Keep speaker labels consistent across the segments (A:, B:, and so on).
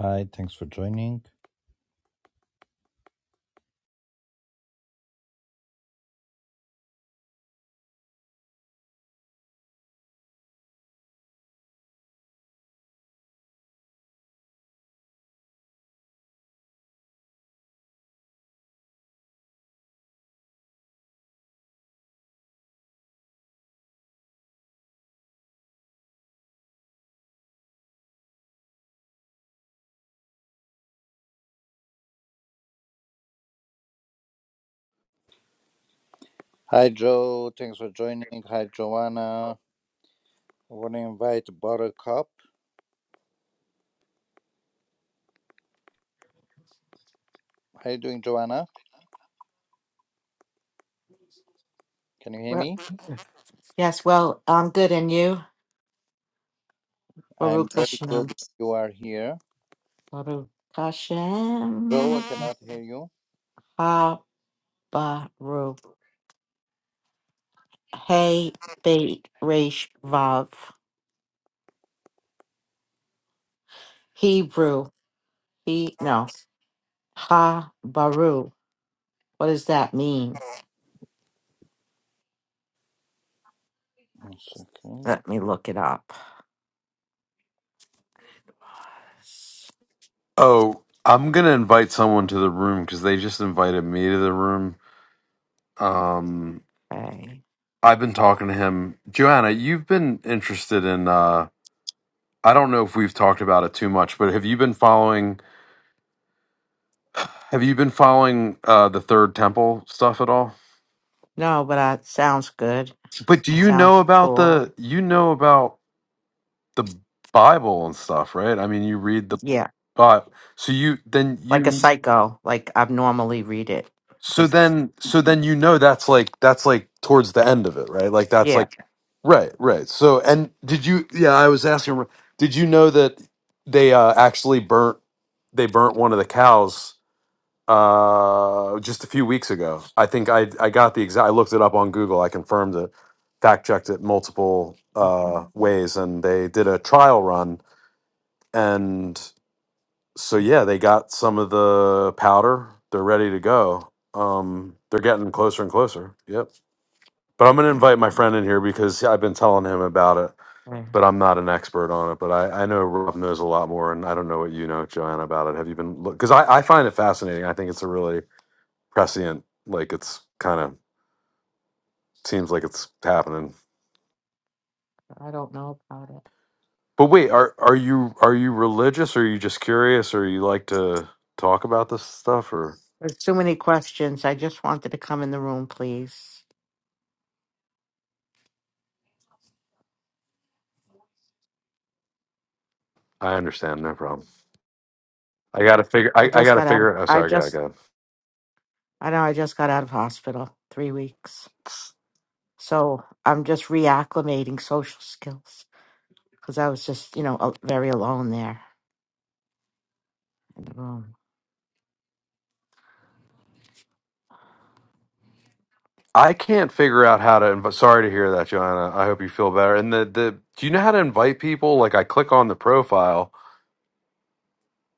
A: Hi, thanks for joining. Hi, Joe. Thanks for joining. Hi, Joanna. I want to invite Buttercup. How you doing, Joanna? Can you hear
B: Well,
A: me?
B: Yes, well, I'm good, and you?
A: I'm
B: Baruch
A: very
B: Hashem.
A: good. You are here.
B: Baruch
A: Joe,
B: Hashem.
A: I cannot hear you.
B: Ha Baruch. Hey Beit Resh Vav. Hebrew. He no. Ha Baruch. What does that mean?
A: One second.
B: Let me look it up.
C: Oh, I'm gonna invite someone to the room because they just invited me to the room. Um,
B: Okay.
C: I've been talking to him. Joanna, you've been interested in. Uh, I don't know if we've talked about it too much, but have you been following? Have you been following uh, the Third Temple stuff at all?
B: No, but uh, sounds good.
C: But do you
B: Sounds
C: know about
B: cool.
C: the? You know about the Bible and stuff, right? I mean, you read the
B: Yeah,
C: Bible, so you then
B: like a
C: you.
B: psycho. Like I normally read it.
C: So
B: Like
C: then, so then you know that's like that's like towards the end of it, right? Like that's
B: yeah.
C: like right, right. So and did you? Yeah, I was asking. Did you know that they uh, actually burnt they burnt one of the cows uh, just a few weeks ago? I think I I got the exact. I looked it up on Google. I confirmed it, fact checked it multiple uh,
B: Mm-hmm.
C: ways, and they did a trial run, and so yeah, they got some of the powder. They're ready to go. Um, they're getting closer and closer. Yep. But I'm gonna invite my friend in here because I've been telling him about it,
B: Okay.
C: but I'm not an expert on it. But I, I know Rob knows a lot more, and I don't know what you know, Joanna, about it. Have you been look? Because I, I find it fascinating. I think it's a really prescient. Like it's kind of seems like it's happening.
B: I don't know about it.
C: But wait, are are you are you religious? Or are you just curious? Or you like to talk about this stuff? Or
B: There's too many questions. I just wanted to come in the room, please.
C: I understand, no problem. I gotta figure.
B: I
C: I, I
B: just
C: gotta
B: got out of
C: figure. Oh,
B: I
C: sorry, I gotta
B: just
C: go.
B: I know I just got out of hospital three weeks. So I'm just reacclimating social skills because I was just, you know, al- very alone there in the room.
C: I can't figure out how to invite. Sorry to hear that, Joanna. I hope you feel better. And the the do you know how to invite people? Like I click on the profile,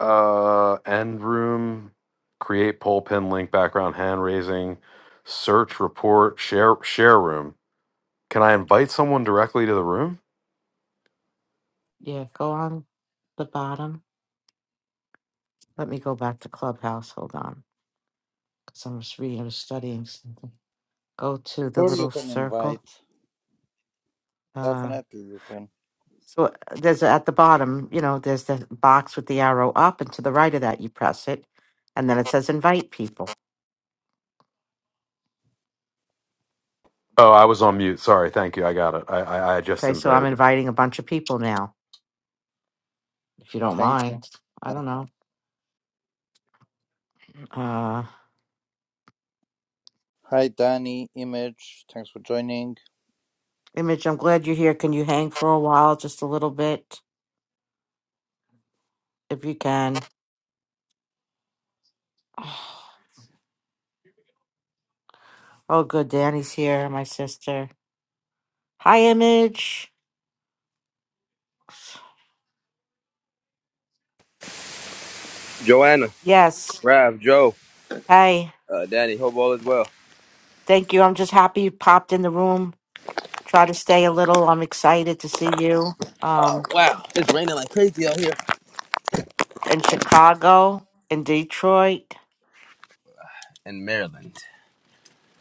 C: uh, end room, create poll pin link, background hand raising, search report, share share room. Can I invite someone directly to the room?
B: Yeah, go on the bottom. Let me go back to Clubhouse. Hold on. Because I'm just reading, I was studying something. Go to the
A: Sure, you
B: little
A: can
B: circle.
A: invite.
B: uh,
A: Definitely, you can.
B: So uh, there's at the bottom, you know, there's the box with the arrow up, and to the right of that, you press it, and then it says invite people.
C: Oh, I was on mute. Sorry. Thank you. I got it. I I, I just
B: Okay, so I'm
C: invited them.
B: inviting a bunch of people now, if you don't
A: Thanks.
B: mind. I
A: Uh,
B: don't know. Uh,
A: hi, Danny. Image. Thanks for joining.
B: Image, I'm glad you're here. Can you hang for a while, just a little bit, if you can? Oh, good. Danny's here, my sister. Hi, Image.
D: Joanna,
B: Yes.
D: Rav, Joe,
B: Hey,
D: uh, Danny, hope all is well.
B: thank you. I'm just happy you popped in the room. Try to stay a little. I'm excited to see you. Um,
D: Wow, it's raining like crazy out here
B: in Chicago, in Detroit,
D: in Maryland.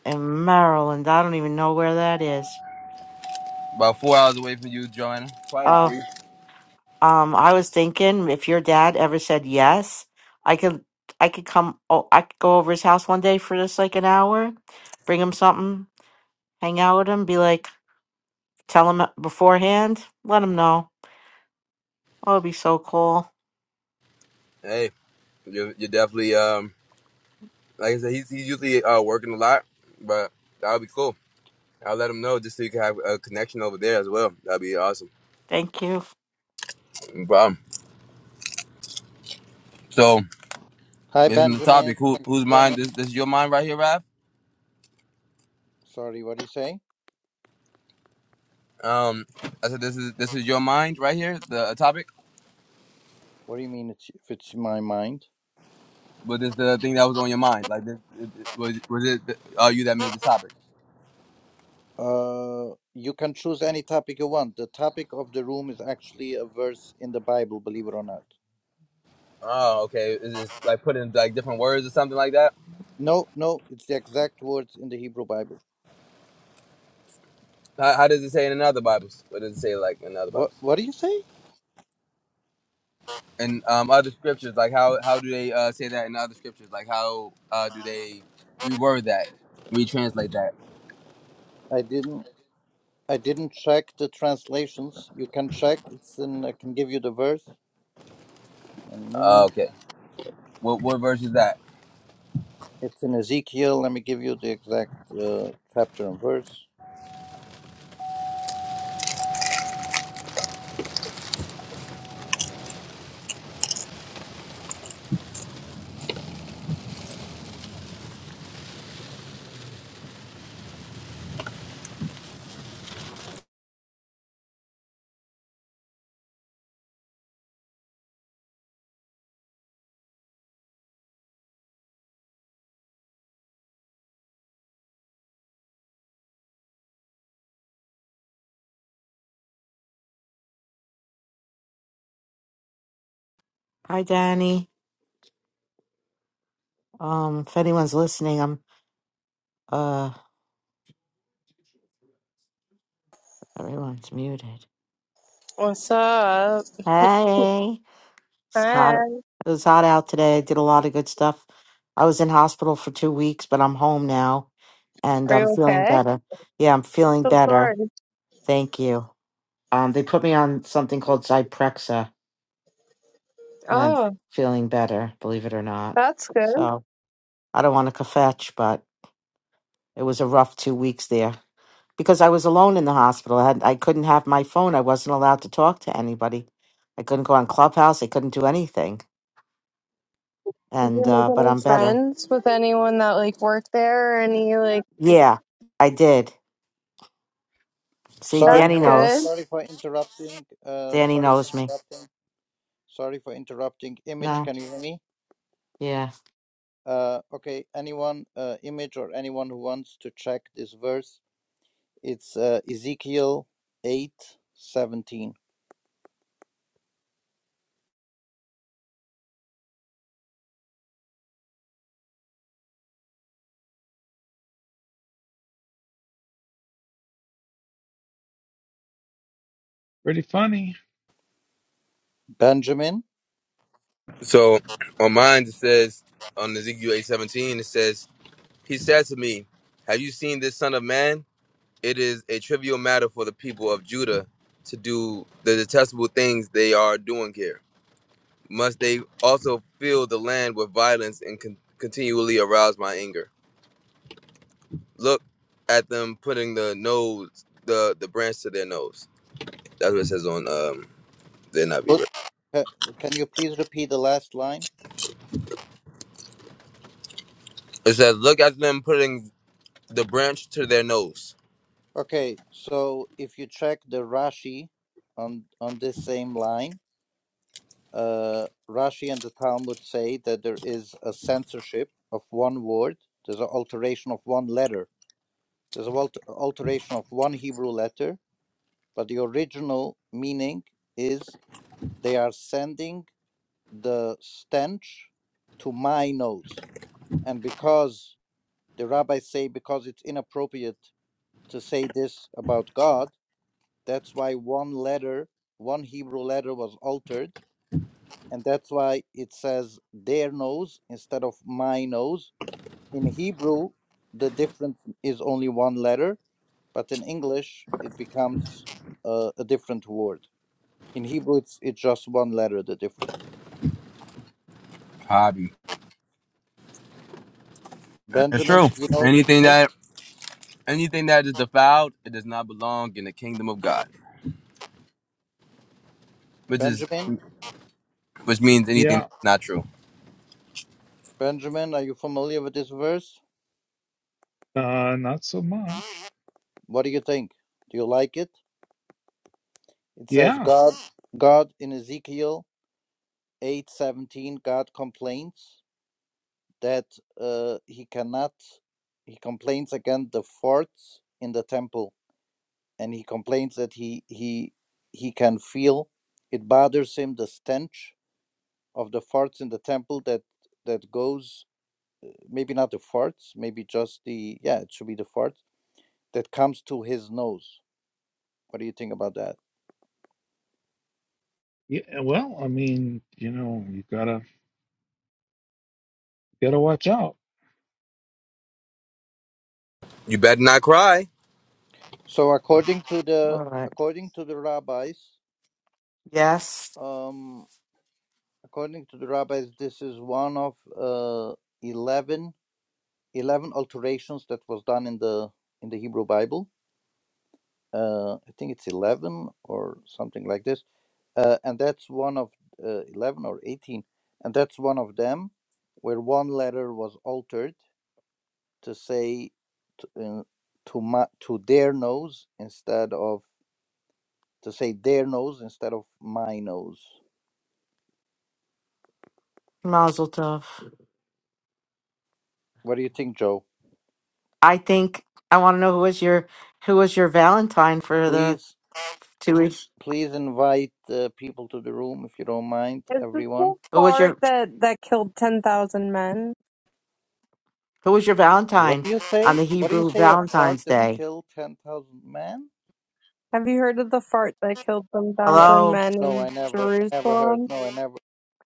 B: in Maryland. I don't even know where that is.
D: About four hours away from you, Joanna. Probably
B: Oh,
D: three.
B: um, I was thinking if your dad ever said yes, I could, I could come. Oh, I could go over his house one day for just like an hour, bring him something, hang out with him, be like, tell him beforehand, let him know. Oh, it'd be so cool.
D: Hey, you're, you're definitely um like I said, he's, he's usually uh, working a lot, but that'll be cool. I'll let him know just so you can have a connection over there as well. That'd be awesome.
B: Thank you.
D: No problem. So
A: Hi,
D: this is the
A: Benjamin.
D: topic. Who whose mind?
A: Joining.
D: This, this is your mind right here, Rav.
A: Sorry, what do you say?
D: Um, I said this is this is your mind right here. The topic.
A: What do you mean? It's if it's my mind?
D: Was this the thing that was on your mind? Like, this, it- it- was was it uh, you that made the topic?
A: Uh, you can choose any topic you want. The topic of the room is actually a verse in the Bible, believe it or not.
D: Oh, okay. Is this like put in like different words or something like that?
A: No, no, it's the exact words in the Hebrew Bible.
D: How, how does it say in other Bibles? What does it say like in other
A: What
D: Bibles?
A: what do you say?
D: And um, other scriptures, like how how do they uh, say that in other scriptures? Like how uh, do they reword that, retranslate that?
A: I didn't I didn't check the translations. You can check. It's in I can give you the verse. A
D: Uh,
A: minute.
D: okay. What what verse is that?
A: It's in Ezekiel. Let me give you the exact uh, chapter and verse.
B: Hi, Danny. Um, if anyone's listening, I'm uh, everyone's muted.
E: What's up?
B: Hey. It's
E: Hi.
B: hot. It was hot out today. I did a lot of good stuff. I was in hospital for two weeks, but I'm home now and
E: are
B: I'm
E: you
B: feeling
E: okay?
B: better. Yeah, I'm
E: I'm
B: feeling
E: so
B: better.
E: sorry.
B: Thank you. Um, they put me on something called Zyprexa and I'm
E: Oh,
B: feeling better, believe it or not.
E: that's good.
B: So I don't want to kvetch, but it was a rough two weeks there because I was alone in the hospital. I, had, I couldn't have my phone. I wasn't allowed to talk to anybody. I couldn't go on Clubhouse. I couldn't do anything.
E: Did you
B: And,
E: make
B: uh, but
E: any
B: I'm better.
E: friends with anyone that like worked there or any like
B: Yeah, I did. See,
A: Sorry
E: that's
B: Danny
A: for
E: good.
B: knows.
A: sorry for interrupting. Uh,
B: Danny
A: sorry for
B: knows me.
A: interrupting. Sorry for interrupting. Image,
B: No,
A: can you hear me?
B: yeah.
A: Uh, okay, anyone, uh, image or anyone who wants to check this verse, it's uh, Ezekiel eight seventeen.
F: Pretty funny.
A: Benjamin,
D: So on mine it says on Ezekiel eight seventeen it says, He said to me, Have you seen this son of man? it is a trivial matter for the people of Judah to do the detestable things they are doing here. Must they also fill the land with violence and con- continually arouse my anger? Look at them putting the nose, the the branch to their nose. That's what it says on um the NIV.
A: put,
D: Right?
A: ca- can you please repeat the last line?
D: It says, look at them putting the branch to their nose.
A: Okay, so if you check the Rashi on on this same line, uh, Rashi and the Talmud say that there is a censorship of one word. There's an alteration of one letter. There's an alter- alteration of one Hebrew letter, but the original meaning is they are sending the stench to my nose. And because the rabbis say because it's inappropriate to say this about God, that's why one letter, one Hebrew letter was altered, and that's why it says their nose instead of my nose. In Hebrew, the difference is only one letter, but in English it becomes uh, a different word. In Hebrew, it's it's just one letter. The difference.
D: Hobby. It's
A: Benjamin,
D: true.
A: did you know this word?
D: Anything that anything that is defiled, it does not belong in the kingdom of God. Which is
A: Benjamin,
D: which means anything
F: Yeah.
D: that's not true.
A: Benjamin, are you familiar with this verse?
F: Uh, not so much.
A: What do you think? Do you like it? It says
F: Yeah.
A: God God in Ezekiel 8:17 God complains that uh, he cannot he complains against the forts in the temple and he complains that he he he can feel it bothers him the stench of the forts in the temple that that goes maybe not the farts maybe just the yeah it should be the farts that comes to his nose What do you think about that?
F: Yeah. Well, I mean, you know, you gotta gotta watch out.
D: You better not cry.
A: So according to the
B: All right.
A: according to the rabbis,
B: Yes,
A: um, according to the rabbis, this is one of uh, 11 11 alterations that was done in the in the Hebrew Bible. Uh, I think it's eleven or something like this, uh, and that's one of uh, eleven or eighteen, and that's one of them, where one letter was altered to say to, uh, to, ma- to their nose instead of to say their nose instead of my nose.
B: Mazel Tov.
A: What do you think, Joe?
B: I think I want to know who was your who was your Valentine for the
A: Please,
B: two weeks.
A: please invite uh, people to the room if you don't mind,
E: Is this the
A: everyone.
B: Who was
E: fart
B: your
E: that that killed 10,000 men?
B: who was your
A: What
B: Valentine
A: do you
B: on
A: say?
B: the
A: What do you
B: Hebrew
A: say? A fart
B: Valentine's
A: that
B: Day?
A: killed ten thousand men?
E: Have you heard of the fart that killed
A: No,
E: 10,000
B: Hello.
E: men
A: no, I
E: in
A: never, I never heard.
E: Jerusalem?
A: No, I never.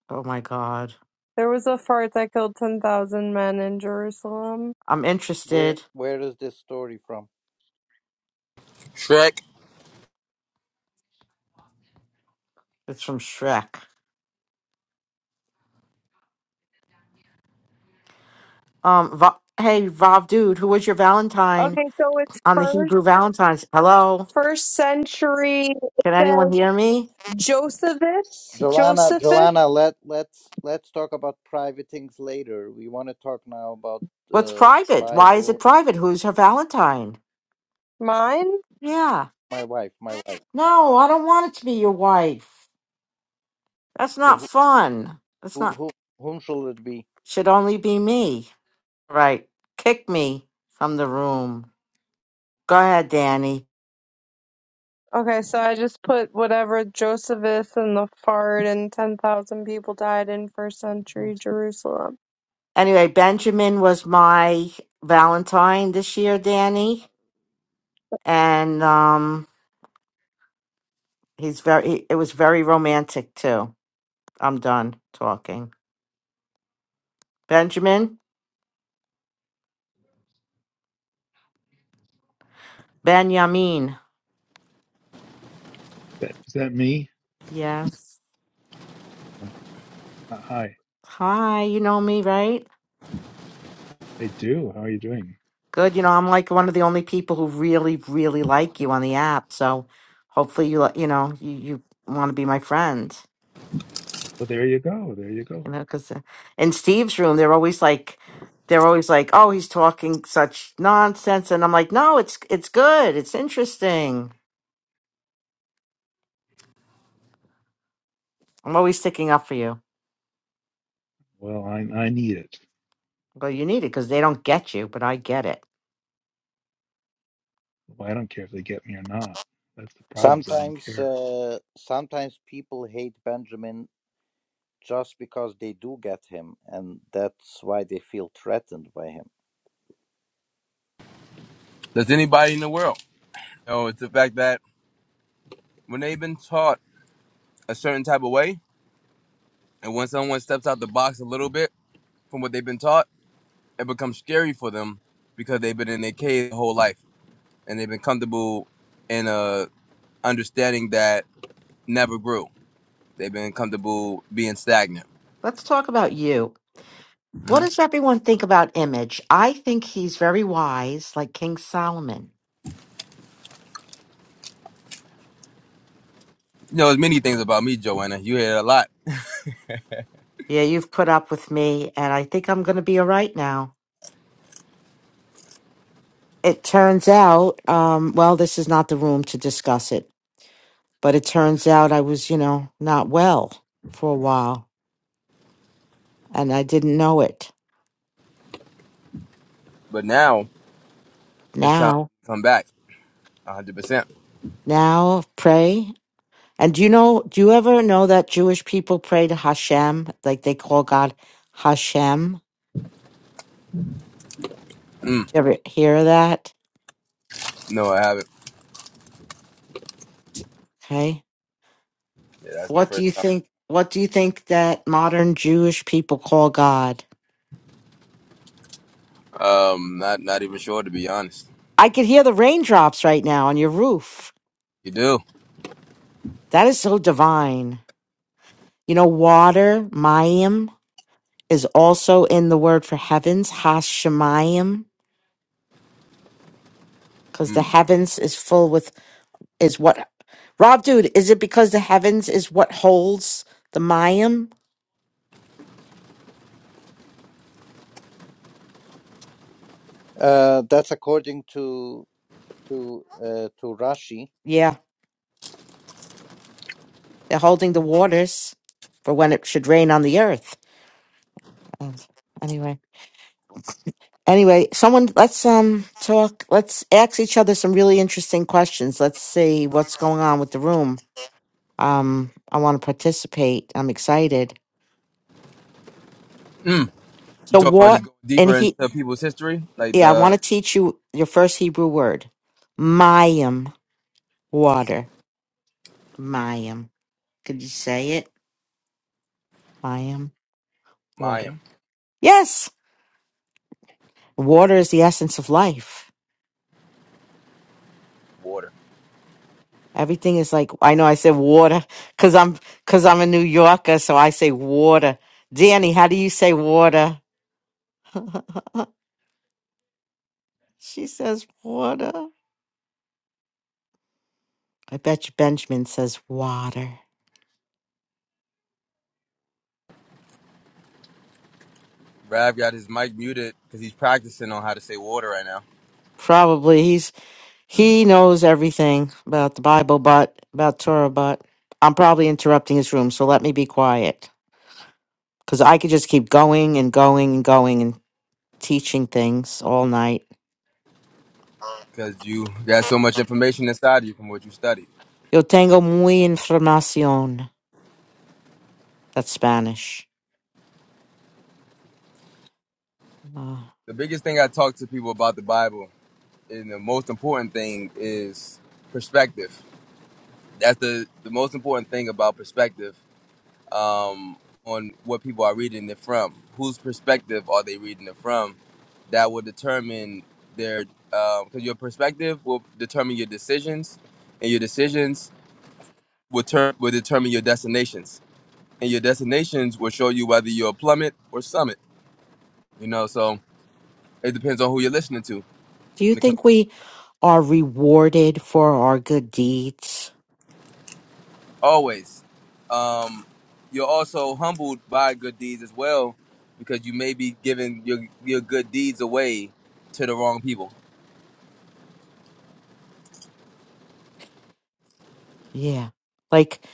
B: Oh my God,
E: There was a fart that killed 10,000 men in Jerusalem.
B: I'm
A: Where,
B: interested.
A: where is this story from?
D: Shrek.
B: It's from Shrek. Um. Va- hey, Vav, dude, who was your Valentine
E: Okay, so it's
B: on the
E: first
B: Hebrew Valentine's? Hello.
E: first century it
B: Can anyone
E: says
B: hear me?
E: Josephus,
A: Joanna,
E: Josephus.
A: Joanna, let let's let's talk about private things later. We want to talk now about
B: What's
A: uh,
B: private? Why is it
A: Bible.
B: private? Who's her Valentine?
E: Mine?
B: Yeah.
A: My wife, my wife.
B: No, I don't want it to be your wife. That's
A: So
B: not
A: who,
B: fun. That's
A: who,
B: not,
A: who, whom shall it be?
B: should only be me. Right. Kick me from the room. Go ahead, Danny.
E: Okay, so I just put whatever Josephus and the fart and 10,000 people died in first century
B: Yes.
E: Jerusalem.
B: Anyway, Benjamin was my Valentine this year, Danny. And, um, he's very, he- it was very romantic too. I'm done talking. Benjamin? Benjamin.
F: That is that me?
B: Yes.
F: Oh, uh, hi.
B: Hi, you know me, right?
F: I do. How are you doing?
B: Good. You know, I'm like one of the only people who really, really like you on the app. So hopefully you, li- you know, you, you want to be my friend,
F: Well, there you go. There you
B: you
F: go.
B: know, because in Steve's room, they're always like, they're always like, oh, he's talking such nonsense. And I'm like, no, it's, it's good. It's interesting. I'm always sticking up for you.
F: Well, I I need it.
B: Well, you need it because they don't get you, but I get it.
F: Well, I don't care if they get me or not. That's the problem is I don't
A: Sometimes,
F: care.
A: uh, sometimes people hate Benjamin just because they do get him, and that's why they feel threatened by him.
D: Does anybody in the world? No, it's the fact that when they've been taught a certain type of way, and when someone steps out the box a little bit from what they've been taught, it becomes scary for them because they've been in their cave their whole life and they've been comfortable in a understanding that never grew. They've been comfortable being stagnant.
B: Let's talk about you. What
D: hmm
B: does everyone think about Image? I think he's very wise, like King Solomon.
D: You know, there's many things about me, Joanna. You hear it a lot,
B: Yeah, you've put up with me, and I think I'm going to be all right now. It turns out, um, well, this is not the room to discuss it, but it turns out I was, you know, not well for a while, and I didn't know it.
D: but now it's time
B: Now,
D: to come back. 100%.
B: now, pray. And do you know, do you ever know that Jewish people pray to Hashem? Like they call God Hashem?
D: Mm,
B: Do you ever hear that?
D: no, I haven't.
B: Okay.
D: Yeah, that's my
B: What do
D: first
B: you
D: time.
B: think? What do you think that modern Jewish people call God?
D: Um, not not even sure to be honest.
B: I could hear the raindrops right now on your roof.
D: You do.
B: That is so divine. You know, water, mayim, is also in the word for heavens, hashemayim, because the
D: Mm.
B: heavens is full with, is what, Rob, dude, is it because the heavens is what holds the mayim?
A: Uh, that's according to to uh, to Rashi.
B: Yeah, they're holding the waters for when it should rain on the earth. And anyway, anyway, someone, let's, um, talk, let's ask each other some really interesting questions. Let's see what's going on with the room. Um, I want to participate. I'm excited.
D: Mm. You
B: So
D: talking about
B: what?
D: just going
B: And
D: deeper
B: he,
D: into people's history, like
B: yeah, I want
D: the
B: to teach you your first Hebrew word, mayim, water. Mayim. Could you say it? Mayim,
D: Mayan
B: water. Yes, water is the essence of life.
D: water.
B: Everything is like I know. I said water because I'm because I'm a New Yorker, so I say water. Danny, how do you say water? she says water. I bet you Benjamin says water.
D: Rav got his mic muted because he's practicing on how to say water right now.
B: Probably he's He knows everything about the Bible, but about Torah, but I'm probably interrupting his room, so let me be quiet. Because I could just keep going and going and going and teaching things all night.
D: Because you got so much information inside of you from what you studied.
B: Yo tengo muy información. That's Spanish. Uh,
D: The biggest thing I talk to people about the Bible, and the most important thing is perspective. That's the the most important thing about perspective um, on what people are reading it from. Whose perspective are they reading it from? That will determine their because your perspective will determine your decisions, and your decisions will turn will determine your destinations, and your destinations will show you whether you're a plummet or summit. You know, so it depends on who you're listening to
B: do you
D: when it comes
B: think
D: down
B: we
D: to perspective.
B: are rewarded for our good deeds?
D: Always, um, you're also humbled by good deeds as well because you may be giving your your good deeds away to the wrong people
B: Yeah. Like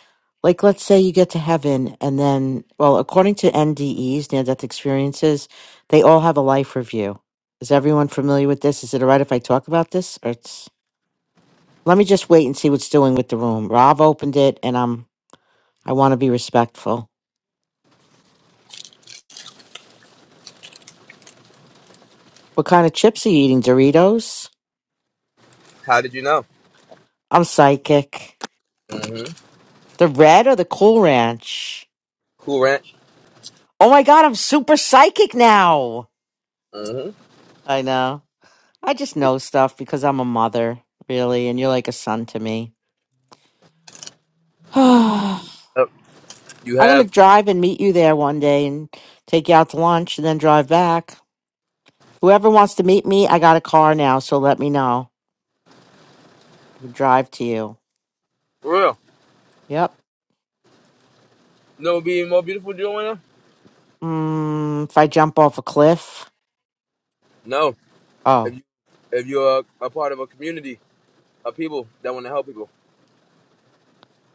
B: like let's say you get to heaven and then well, according to NDEs, near death experiences, they all have a life review. Is everyone familiar with this? Is it all right if I talk about this? Or it's let me just wait and see what's doing with the room. Rob opened it and I'm I wanna be respectful. What kind of chips are you eating? Doritos?
D: How did you know?
B: I'm psychic.
D: Mm-hmm.
B: The red or the cool ranch?
D: Cool Ranch.
B: Oh my god, I'm super psychic now.
D: Mm-hmm.
B: I know. I just know stuff because I'm a mother, really, and you're like a son to me. I'm
D: Yep. You
B: going to
D: have
B: drive and meet you there one day and take you out to lunch and then drive back. Whoever wants to meet me, I got a car now, so let me know. I can drive to you.
D: for real.
B: Yep.
D: No be more beautiful doing it.
B: Mm, if I jump off a cliff.
D: No.
B: Oh,
D: If you if you're a, a part of a community of people that want to help people,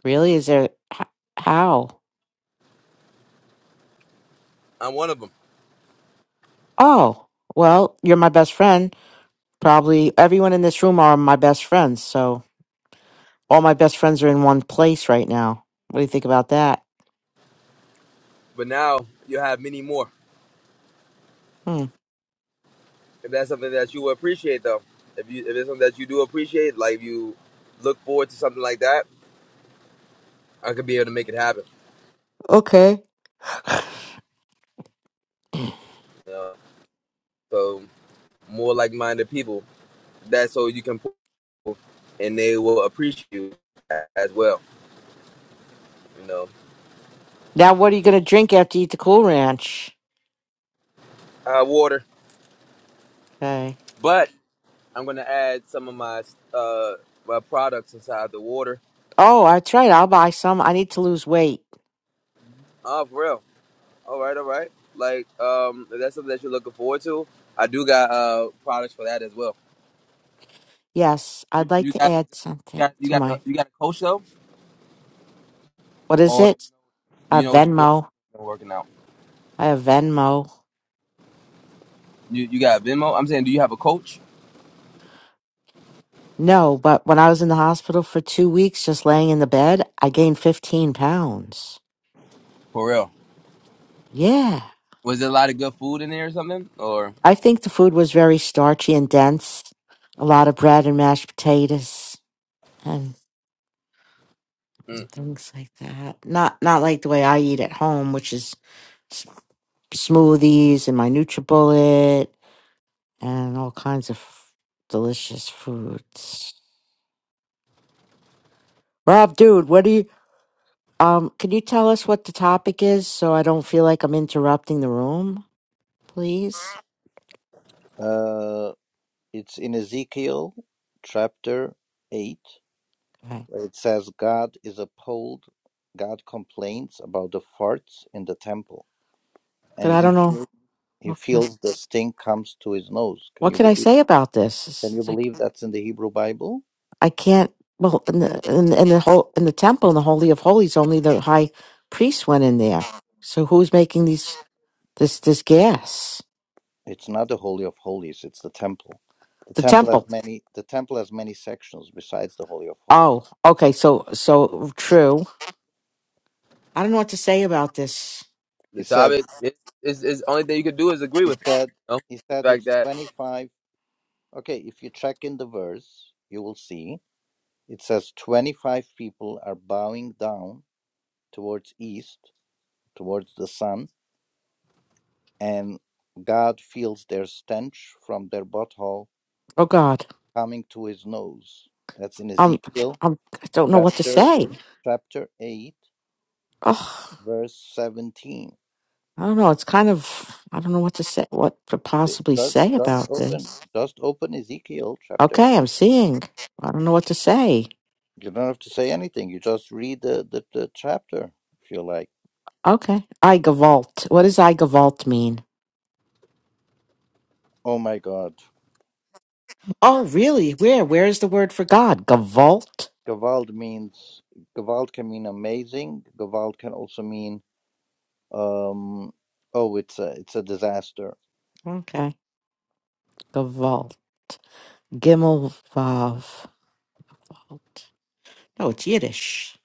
B: really? Is there. h- How?
D: I'm one of them.
B: Oh, well, you're my best friend. Probably everyone in this room are my best friends, so all my best friends are in one place right now. What do you think about that?
D: But now you have many more.
B: Hmm.
D: If that's something that you appreciate, though, if you if it's something that you do appreciate, like if you look forward to something like that, I could be able to make it happen.
B: Okay.
D: You know? So more like-minded people. That's so you can, pull, and they will appreciate you as well. You know,
B: Now, what are you going to drink after you eat the Cool Ranch?
D: uh, water.
B: Okay.
D: But I'm gonna add some of my uh my products inside the water.
B: Oh, that's right. I'll buy some. I need to lose weight.
D: Oh, for real. All right, all right. Like um, if that's something that you're looking forward to, I do got uh products for that as well.
B: Yes,
D: You,
B: I'd like
D: you
B: to
D: got like uh,
B: add
D: you
B: something
D: got you
B: to
D: got a,
B: my.
D: you got a coach though,
B: What is
D: or
B: it?
D: do
B: A
D: you know what you're doing
B: Venmo.
D: when you're working out?
B: I have Venmo.
D: You you got Venmo. I'm saying, do you have a coach
B: No, but when I was in the hospital for two weeks, just laying in the bed, I gained 15 pounds.
D: for real?
B: Yeah.
D: Was there a lot of good food in there or something? Or
B: I think the food was very starchy and dense. A lot of bread and mashed potatoes and
D: mm,
B: things like that. Not not like the way I eat at home, which is smoothies and my NutriBullet and all kinds of delicious foods. Rob, dude, what do you um? Can you tell us what the topic is so I don't feel like I'm interrupting the room, please?
A: Uh, it's in Ezekiel chapter eight,
B: Okay,
A: where it says God is appalled. God complains about the farts in the temple,
B: but
A: and
B: I
A: he
B: don't know
A: feels he
B: what can I,
A: feels the stink comes to his nose. Can
B: what
A: you
B: can I
A: believe?
B: say about this.
A: Can you
B: It's like
A: believe that's in the Hebrew Bible?
B: I can't. Well, in the in, in the whole in the temple in the holy of holies, only the high priest went in there. So who's making these this this gas?
A: It's not the Holy of Holies, it's the temple. The
B: The
A: temple
B: temple.
A: has many the temple has many sections besides the Holy of Holies.
B: Oh, okay. So, so true. I don't know what to say about this.
A: He
D: the
A: said
D: topic? It, it's, it's the only thing you could do is agree
A: he
D: with it.
A: said
D: You know?
A: he
D: The
A: said
D: fact
A: it's
D: that
A: twenty five okay, if you check in the verse, you will see it says twenty five people are bowing down towards east, towards the sun, and God feels their stench from their butthole
B: Oh God,
A: coming to his nose. That's in
B: I'm,
A: Ezekiel
B: I'm, I don't know what to
A: chapter
B: say.
A: chapter eight,
B: Oh,
A: verse 17
B: I don't know. It's kind of, I don't know what to say, what to possibly
A: Just,
B: say
A: just
B: about
A: open,
B: this.
A: just open Ezekiel chapter
B: Okay,
A: eight.
B: I'm seeing. I don't know what to say.
A: You don't have to say anything. You just read the, the, the chapter if you like.
B: Okay, I gavolt. What does I gavolt mean?
A: Oh my God,
B: Oh, really? Where? Where is the word for God? Gavolt.
A: Gewalt means Gewalt can mean amazing. Gewalt can also mean um, oh, it's a it's a disaster.
B: Okay, gavolt. Gimel vav. Gavolt. Oh, it's Yiddish.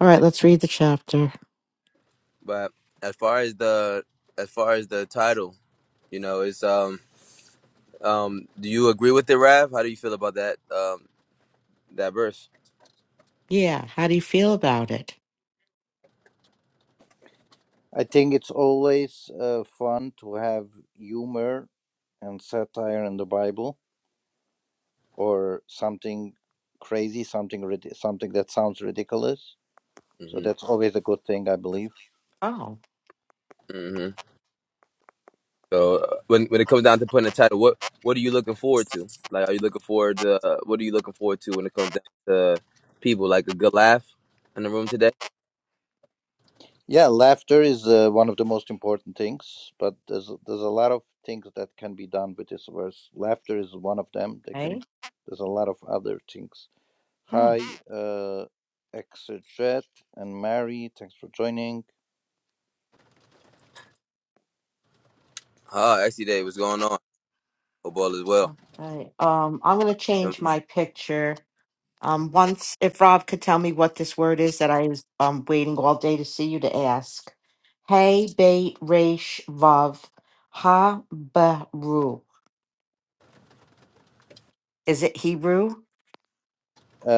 B: All right, let's read the chapter.
D: But as far as the as far as the title, you know, it's um um. Do you agree with it, Rav? How do you feel about that um that verse?
B: Yeah. How do you feel about it?
A: I think it's always uh, fun to have humor and satire in the Bible or something crazy, something rid- something that sounds ridiculous. So
D: hmm
A: that's always a good thing, I believe
B: Oh,
D: hmm So uh, when when it comes down to putting a title, what what are you looking forward to? Like, are you looking forward to uh, what are you looking forward to when it comes down to people? Like a good laugh in the room today.
A: Yeah, laughter is uh, one of the most important things, but there's there's a lot of things that can be done with this verse. Laughter is one of them. They can
B: okay.
A: there's a lot of other things.
B: Hmm.
A: Hi, uh, Exeget and Mary, thanks for joining.
D: Ah, uh, day what's going on? Football as well.
B: Okay. Um, I'm gonna change my picture. Um, once if Rob could tell me what this word is that I was um waiting all day to see you to ask. Hey, bait, resh, vav, ha, baru. Is it Hebrew?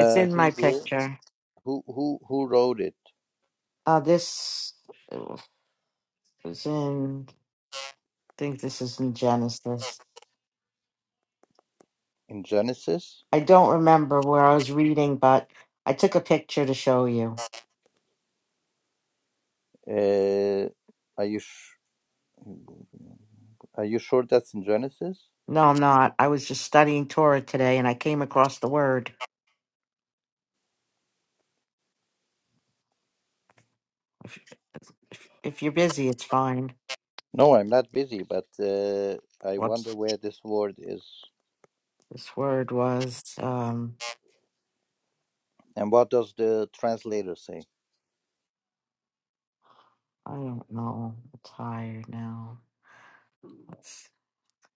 B: It's in my
A: Hebrew,
B: picture.
A: who who who wrote it
B: Uh, this is in. I think this is in Genesis.
A: in Genesis?
B: I don't remember where I was reading, but I took a picture to show you.
A: Uh, are you sh- are you sure that's in Genesis?
B: No, I'm not. I was just studying Torah today and I came across the word. If, if, if you're busy, it's fine.
A: No, I'm not busy, but uh, I
B: Whoops.
A: wonder where this word is
B: This word was, um,
A: and what does the translator say.
B: I don't know. I'm tired now. It's,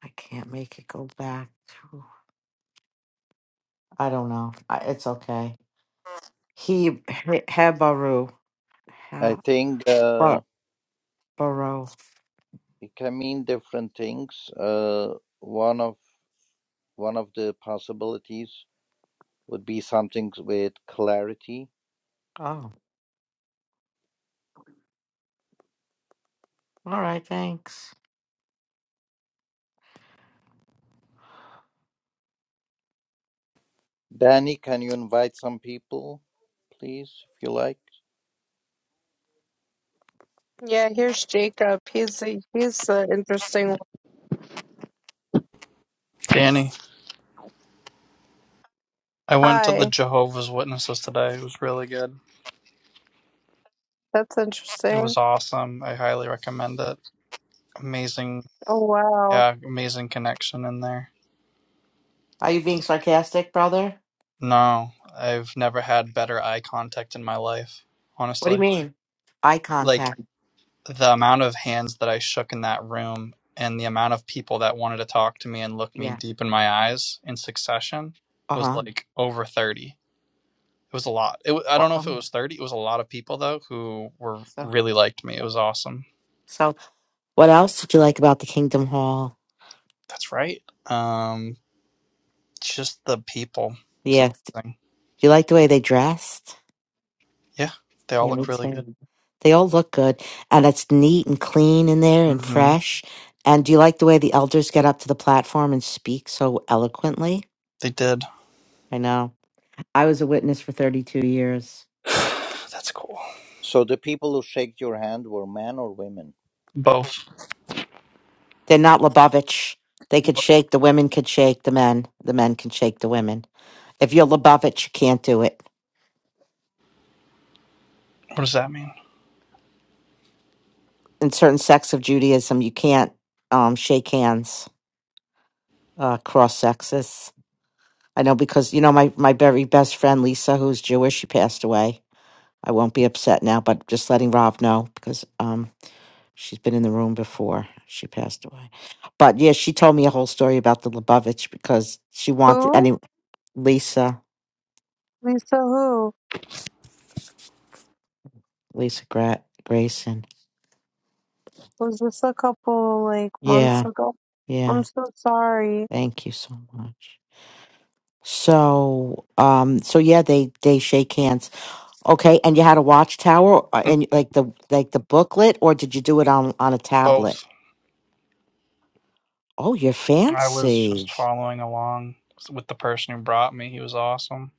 B: I can't make it go back to, I don't know. I, it's okay. He, he- Hebaru.
A: I
B: Ha-
A: think uh,
B: Ba- Baro.
A: it can mean different things. Uh, one of one of the possibilities would be something with clarity.
B: Oh, all right. Thanks.
A: Danny, can you invite some people, please, if you like?
E: Yeah, here's Jacob. He's a, he's the interesting one.
G: Danny, I went to the
E: Hi,
G: Jehovah's Witnesses today. It was really good.
E: that's
G: It
E: interesting.
G: was awesome. I highly recommend it. Amazing,
E: Oh, wow.
G: yeah, amazing connection in there.
B: Are you being sarcastic, brother?
G: No, I've never had better eye contact in my life,
B: What do you
G: honestly.
B: mean? Eye
G: Like
B: contact.
G: the amount of hands that I shook in that room and the amount of people that wanted to talk to me and look me
B: Yeah.
G: deep in my eyes in succession was
B: Uh
G: like over 30. It was a lot. It, wa- I don't know if it was
B: huh.
G: 30. It was a lot of people though who were really liked me. It was awesome.
B: So, what else did you like about the Kingdom Hall?
G: That's right. Um, just the people. It's
B: Yeah. Do
G: amazing.
B: you like the way they dressed?
G: Yeah, they all
B: Yeah, me
G: look really good.
B: too. They all look good, and it's neat and clean in there and
G: hmm
B: fresh. And do you like the way the elders get up to the platform and speak so eloquently?
G: They did.
B: I know. I was a witness for 32 years.
G: That's cool.
A: So the people who shake your hand were men or women?
G: Both.
B: They're not Lubavitch. They could
G: What
B: shake, the women could shake the men, the men can shake the women. If you're Lubavitch, you can't do it.
G: does that mean?
B: In certain sects of Judaism, you can't um, shake hands uh, cross sexes. I know because you know my my very best friend Lisa, who's Jewish, she passed away. I won't be upset now, but just letting Rob know because um she's been in the room before she passed away. But yeah, she told me a whole story about the Lubavitch because she wanted
E: Who?
B: any Lisa
E: Lisa who?
B: Lisa Gra- Grayson.
E: Was this a couple, like, months
B: Yeah,
E: ago?
B: yeah.
E: I'm so sorry.
B: Thank you so much. So um so yeah, they they shake hands. Okay, and you had a watchtower uh,
G: Mm,
B: and like the like the booklet, or did you do it on on a tablet?
G: Both.
B: Oh, you're
G: I was
B: fancy.
G: just following along with the person who brought me. He was awesome.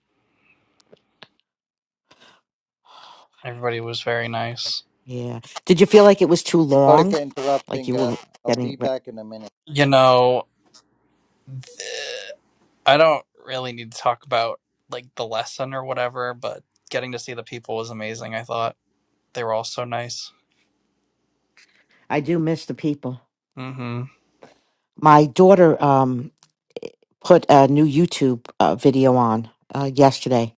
G: Everybody was very nice.
B: Yeah. Did you feel like it was too
A: Sorry
B: long?
A: for
B: Like
A: interrupting.
B: you
A: Uh,
B: were
A: I'll be
B: getting re-
A: back in a minute.
G: You know, I don't really need to talk about like the lesson or whatever, but getting to see the people was amazing. I thought they were all so nice.
B: I do miss the people.
G: Mm-hmm.
B: My daughter um put a new YouTube uh, video on uh, yesterday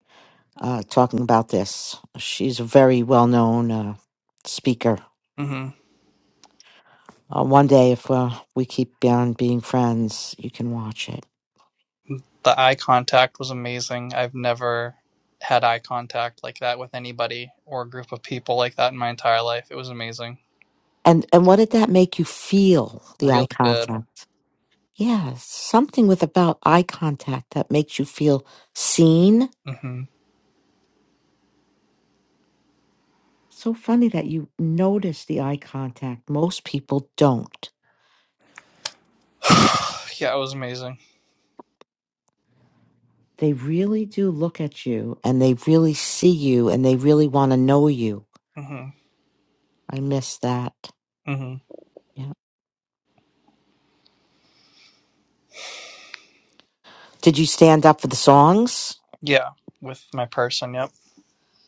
B: uh talking about this. She's a very well-known uh speaker.
G: Mm-hmm.
B: Uh, one day if uh, we keep on being friends, you can watch it.
G: The eye contact was amazing. I've never had eye contact like that with anybody or a group of people like that in my entire life. It was amazing.
B: And and what did that make you feel? The eye
G: Really good.
B: contact. Yeah, something with about eye contact that makes you feel seen
G: hmm
B: So funny that you notice the eye contact. Most people don't.
G: yeah, it was amazing.
B: They really do look at you and they really see you and they really want to know you.
G: hmm
B: I miss that.
G: hmm
B: Yeah. Did you stand up for the songs
G: Yeah, with my person. Yep,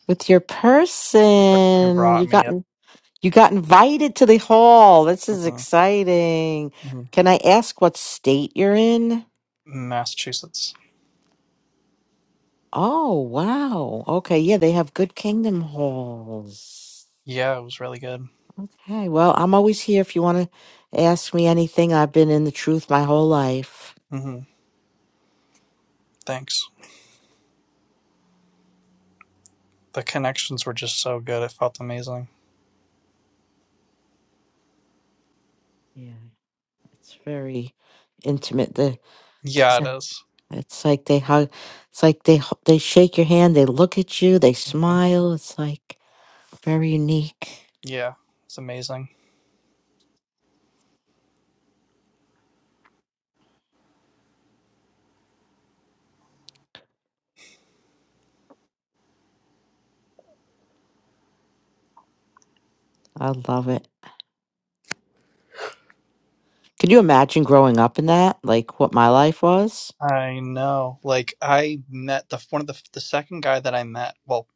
B: with your
G: it
B: person? You
G: brought me
B: got
G: up.
B: you got invited to the hall. This is
G: hmm
B: exciting.
G: hmm
B: Can I ask what state you're in?
G: Massachusetts.
B: Oh, wow. Okay, yeah, they have good kingdom halls.
G: Yeah, it was really good.
B: Okay, well, I'm always here if you want to ask me anything. I've been in the truth my whole life.
G: hmm Thanks. The connections were just so good. It felt amazing.
B: Yeah, it's very intimate. The it's,
G: Yeah, it
B: a-
G: is.
B: it's like they hug. It's like they h- they shake your hand. They look at you. They
G: Mhm.
B: smile. It's like very unique.
G: Yeah, it's amazing.
B: I love it. Could you imagine growing up in that? Like what my life was?
G: I know. Like I met the one of the the second guy that I met. Well,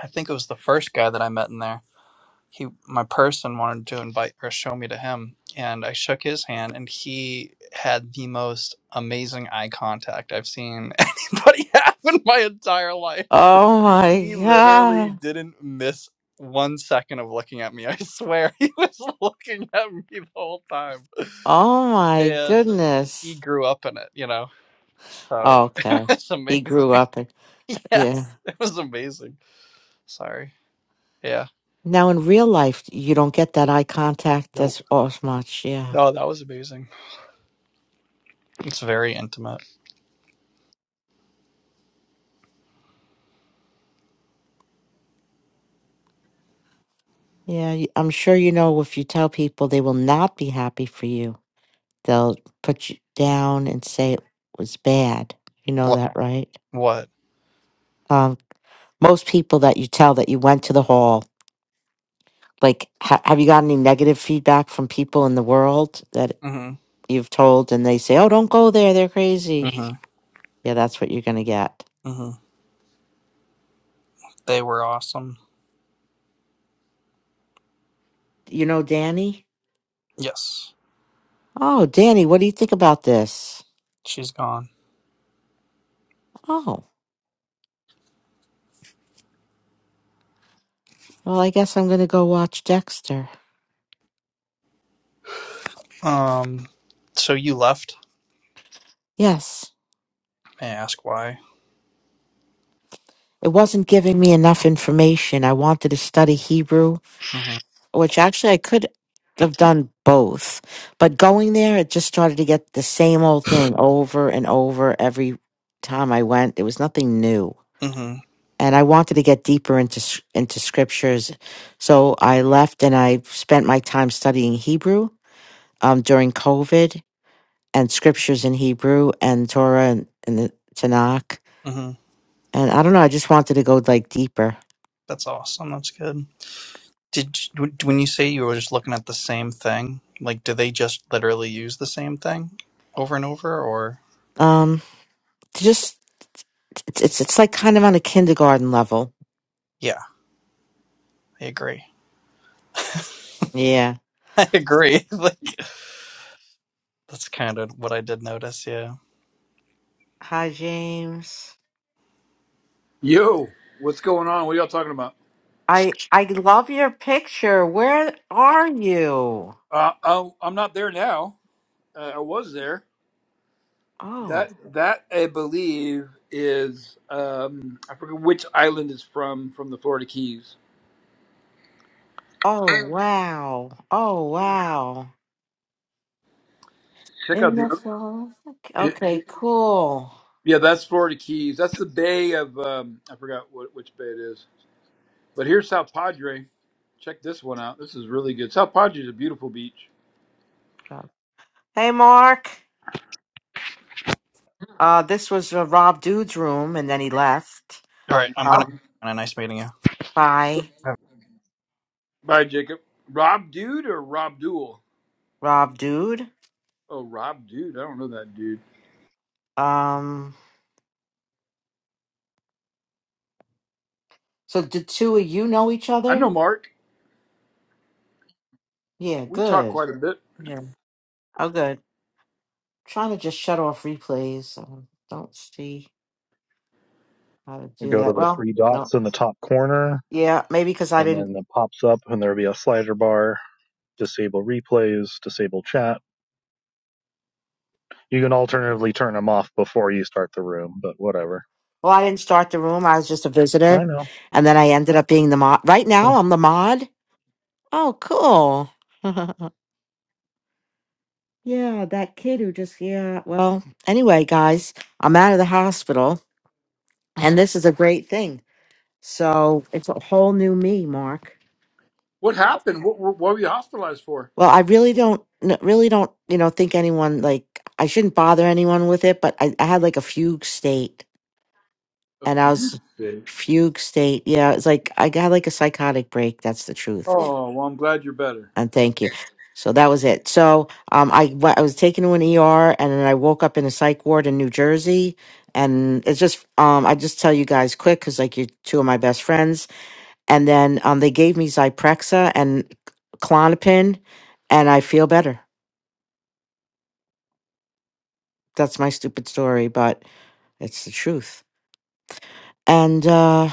G: I think it was the first guy that I met in there. He, my person wanted to invite or show me to him, and I shook his hand, and he had the most amazing eye contact I've seen anybody have in my entire life.
B: Oh my
G: He literally
B: god!
G: didn't miss one second of looking at me. I swear, he was looking at me the whole time,
B: Oh my
G: and he
B: goodness!
G: grew up in it. You know. So
B: Okay,
G: it's amazing.
B: he grew up in yeah.
G: Yes, it was amazing. Sorry. Yeah.
B: Now, in real life, you don't get that eye contact
G: Nope.
B: as, as much. Yeah.
G: No, that was amazing. It's very intimate.
B: Yeah. y- I'm sure you know if you tell people they will not be happy for you, they'll put you down and say it was bad. You know
G: What?
B: that, right?
G: What?
B: Um, most people that you tell that you went to the hall, like, ha- have you got any negative feedback from people in the world that
G: Mhm.
B: you've told and they say, oh, don't go there. They're crazy.
G: Mhm.
B: Yeah, that's what you're going to get.
G: Mhm. They were awesome.
B: You know, Danny?
G: Yes.
B: Oh, Danny, what do you think about this?
G: She's gone.
B: Oh. Well, I guess I'm going to go watch Dexter.
G: Um. So you left.
B: Yes.
G: May I ask why?
B: It wasn't giving me enough information. I wanted to study Hebrew,
G: Mhm.
B: which actually I could have done both. But going there, it just started to get the same old thing over and over every time I went. There was nothing new.
G: Mhm.
B: And I wanted to get deeper into s- into scriptures. So I left and I spent my time studying Hebrew um, during COVID and scriptures in Hebrew and Torah and, and the Tanakh
G: Mhm.
B: and I don't know. I just wanted to go like deeper.
G: That's awesome. That's good. Did you- when you say you were just looking at the same thing? Like, do they just literally use the same thing over and over, or?
B: Um, to just it's it's it's like kind of on a kindergarten level.
G: Yeah, I agree.
B: Yeah.
G: I agree. Like, That's kind of what I did notice. Yeah.
B: Hi, James.
H: Yo, what's going on? What y'all talking about?
B: I I love your picture. Where are you?
H: Uh, I'm, I'm not there now. Uh, I was there.
B: Oh,
H: That that I believe is um, I forget which island is from from the Florida Keys.
B: oh wow, oh wow.
H: Check out
B: In the
H: the
B: fall.
H: it,
B: Okay, cool.
H: yeah, that's Florida Keys. That's the bay of um, I forgot what, which bay it is. But here's South Padre. Check this one out. This is really good. South Padre is a beautiful beach.
B: Hey, Mark. Uh, this was uh, Rob Dude's room, and then he left.
G: All right. I'm gonna.
B: Um,
G: nice meeting you.
H: Rob,
B: bye,
H: bye, Jacob. Rob Dude or Rob Duel?
B: Rob Dude.
H: Oh, Rob Dude. I don't know that dude.
B: Um. So the two of you know each
H: I
B: other?
H: know Mark.
B: Yeah,
H: We talked
B: good.
H: quite a bit.
B: Yeah. Oh, good. Trying to just shut off replays. I don't see how to do
I: Go to
B: that.
I: the
B: Well,
I: three
B: no.
I: dots in the top corner,
B: Yeah, maybe because I
I: and
B: didn't.
I: then it pops up, and there'll be a slider bar. Disable replays, disable chat. You can alternatively turn them off before you start the room, but whatever.
B: Well, I didn't start the room. I was just a
I: I
B: visitor,
I: know.
B: and then I ended up being the mod. Right now, I'm the mod. Oh, cool. yeah, that kid who just yeah. Well, anyway, guys, I'm out of the hospital, and this is a great thing. So it's a whole new me, Mark.
H: What happened? What, what, what were you hospitalized for?
B: Well, I really don't, n- really don't, you know, think anyone like I shouldn't bother anyone with it, but I, I had like a fugue state
H: A
B: and I
H: few
B: was
H: days.
B: fugue state. Yeah, it's like I got like a psychotic break. That's the truth.
H: Oh, well, I'm glad you're better.
B: And thank you. So that was it. So um, I wa- I was taken to an ER and then I woke up in a psych ward in New Jersey. And it's just um, I just tell you guys quick because like you're two of my best friends. And then um, they gave me Zyprexa and Clonopin, and I feel better. That's my stupid story, but it's the truth. And uh,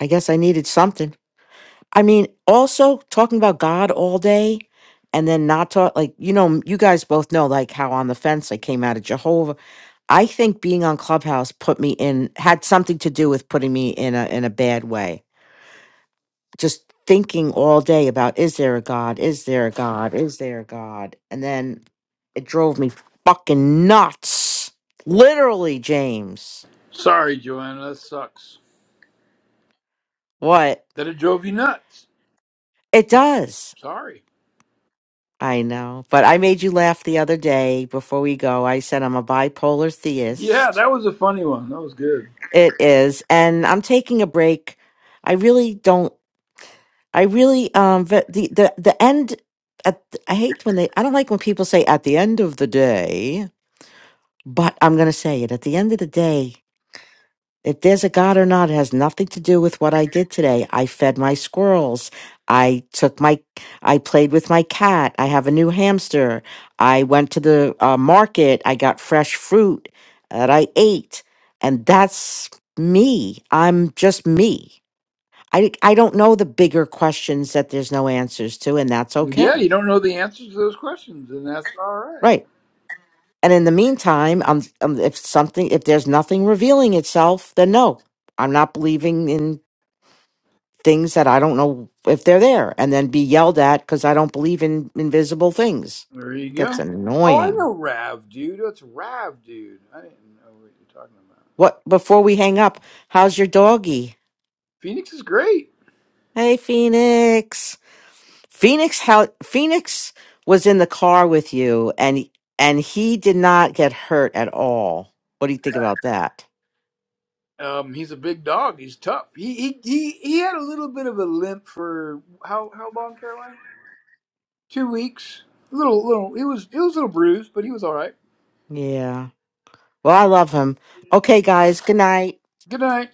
B: I guess I needed something. I mean, also talking about God all day and then not talk, like, you know, you guys both know, like, how on the fence I came out of Jehovah. I think being on Clubhouse put me in, had something to do with putting me in a, in a bad way. Just thinking all day about, is there a God? Is there a God? Is there a God? And then it drove me fucking nuts. Literally, James.
H: Sorry, Joanna. That sucks.
B: What?
H: That it drove you nuts.
B: It does.
H: Sorry.
B: I know. But I made you laugh the other day before we go. I said I'm a bipolar
H: Yeah,
B: theist.
H: that was a funny one. That was good.
B: It is. And I'm taking a break. I really don't I really um the the the the end at I hate when they I don't like when people say at the end of the day, but I'm going to say it at the end of the day. If there's a God or not, it has nothing to do with what I did today. I fed my squirrels. I took my, I played with my cat. I have a new hamster. I went to the uh, market. I got fresh fruit that I ate. And that's me. I'm just me. I, I don't know the bigger questions that there's no answers to, and that's
H: Yeah,
B: okay.
H: you don't know the answers to those questions, and that's all right.
B: Right. And in the meantime, um, um, if something, if there's nothing revealing itself, then no, I'm not believing in things that I don't know if they're there and then be yelled at because I don't believe in invisible things.
H: There you go.
B: Gets
H: Oh, I
B: annoying.
H: know Rav, dude. That's Rav, dude. I didn't know what you're talking about.
B: What before we hang up, how's your doggy?
H: Phoenix is great.
B: Hey Phoenix. Phoenix how Phoenix was in the car with you and and he did not get hurt at all. What do you think about that?
H: Um, he's a big dog. He's tough. He he he, he had a little bit of a limp for how how long, Caroline? Two weeks. A little, little. It was, it was a little bruised, but he was all right.
B: Yeah. Well, I love him. Okay, guys, good night.
H: Good night.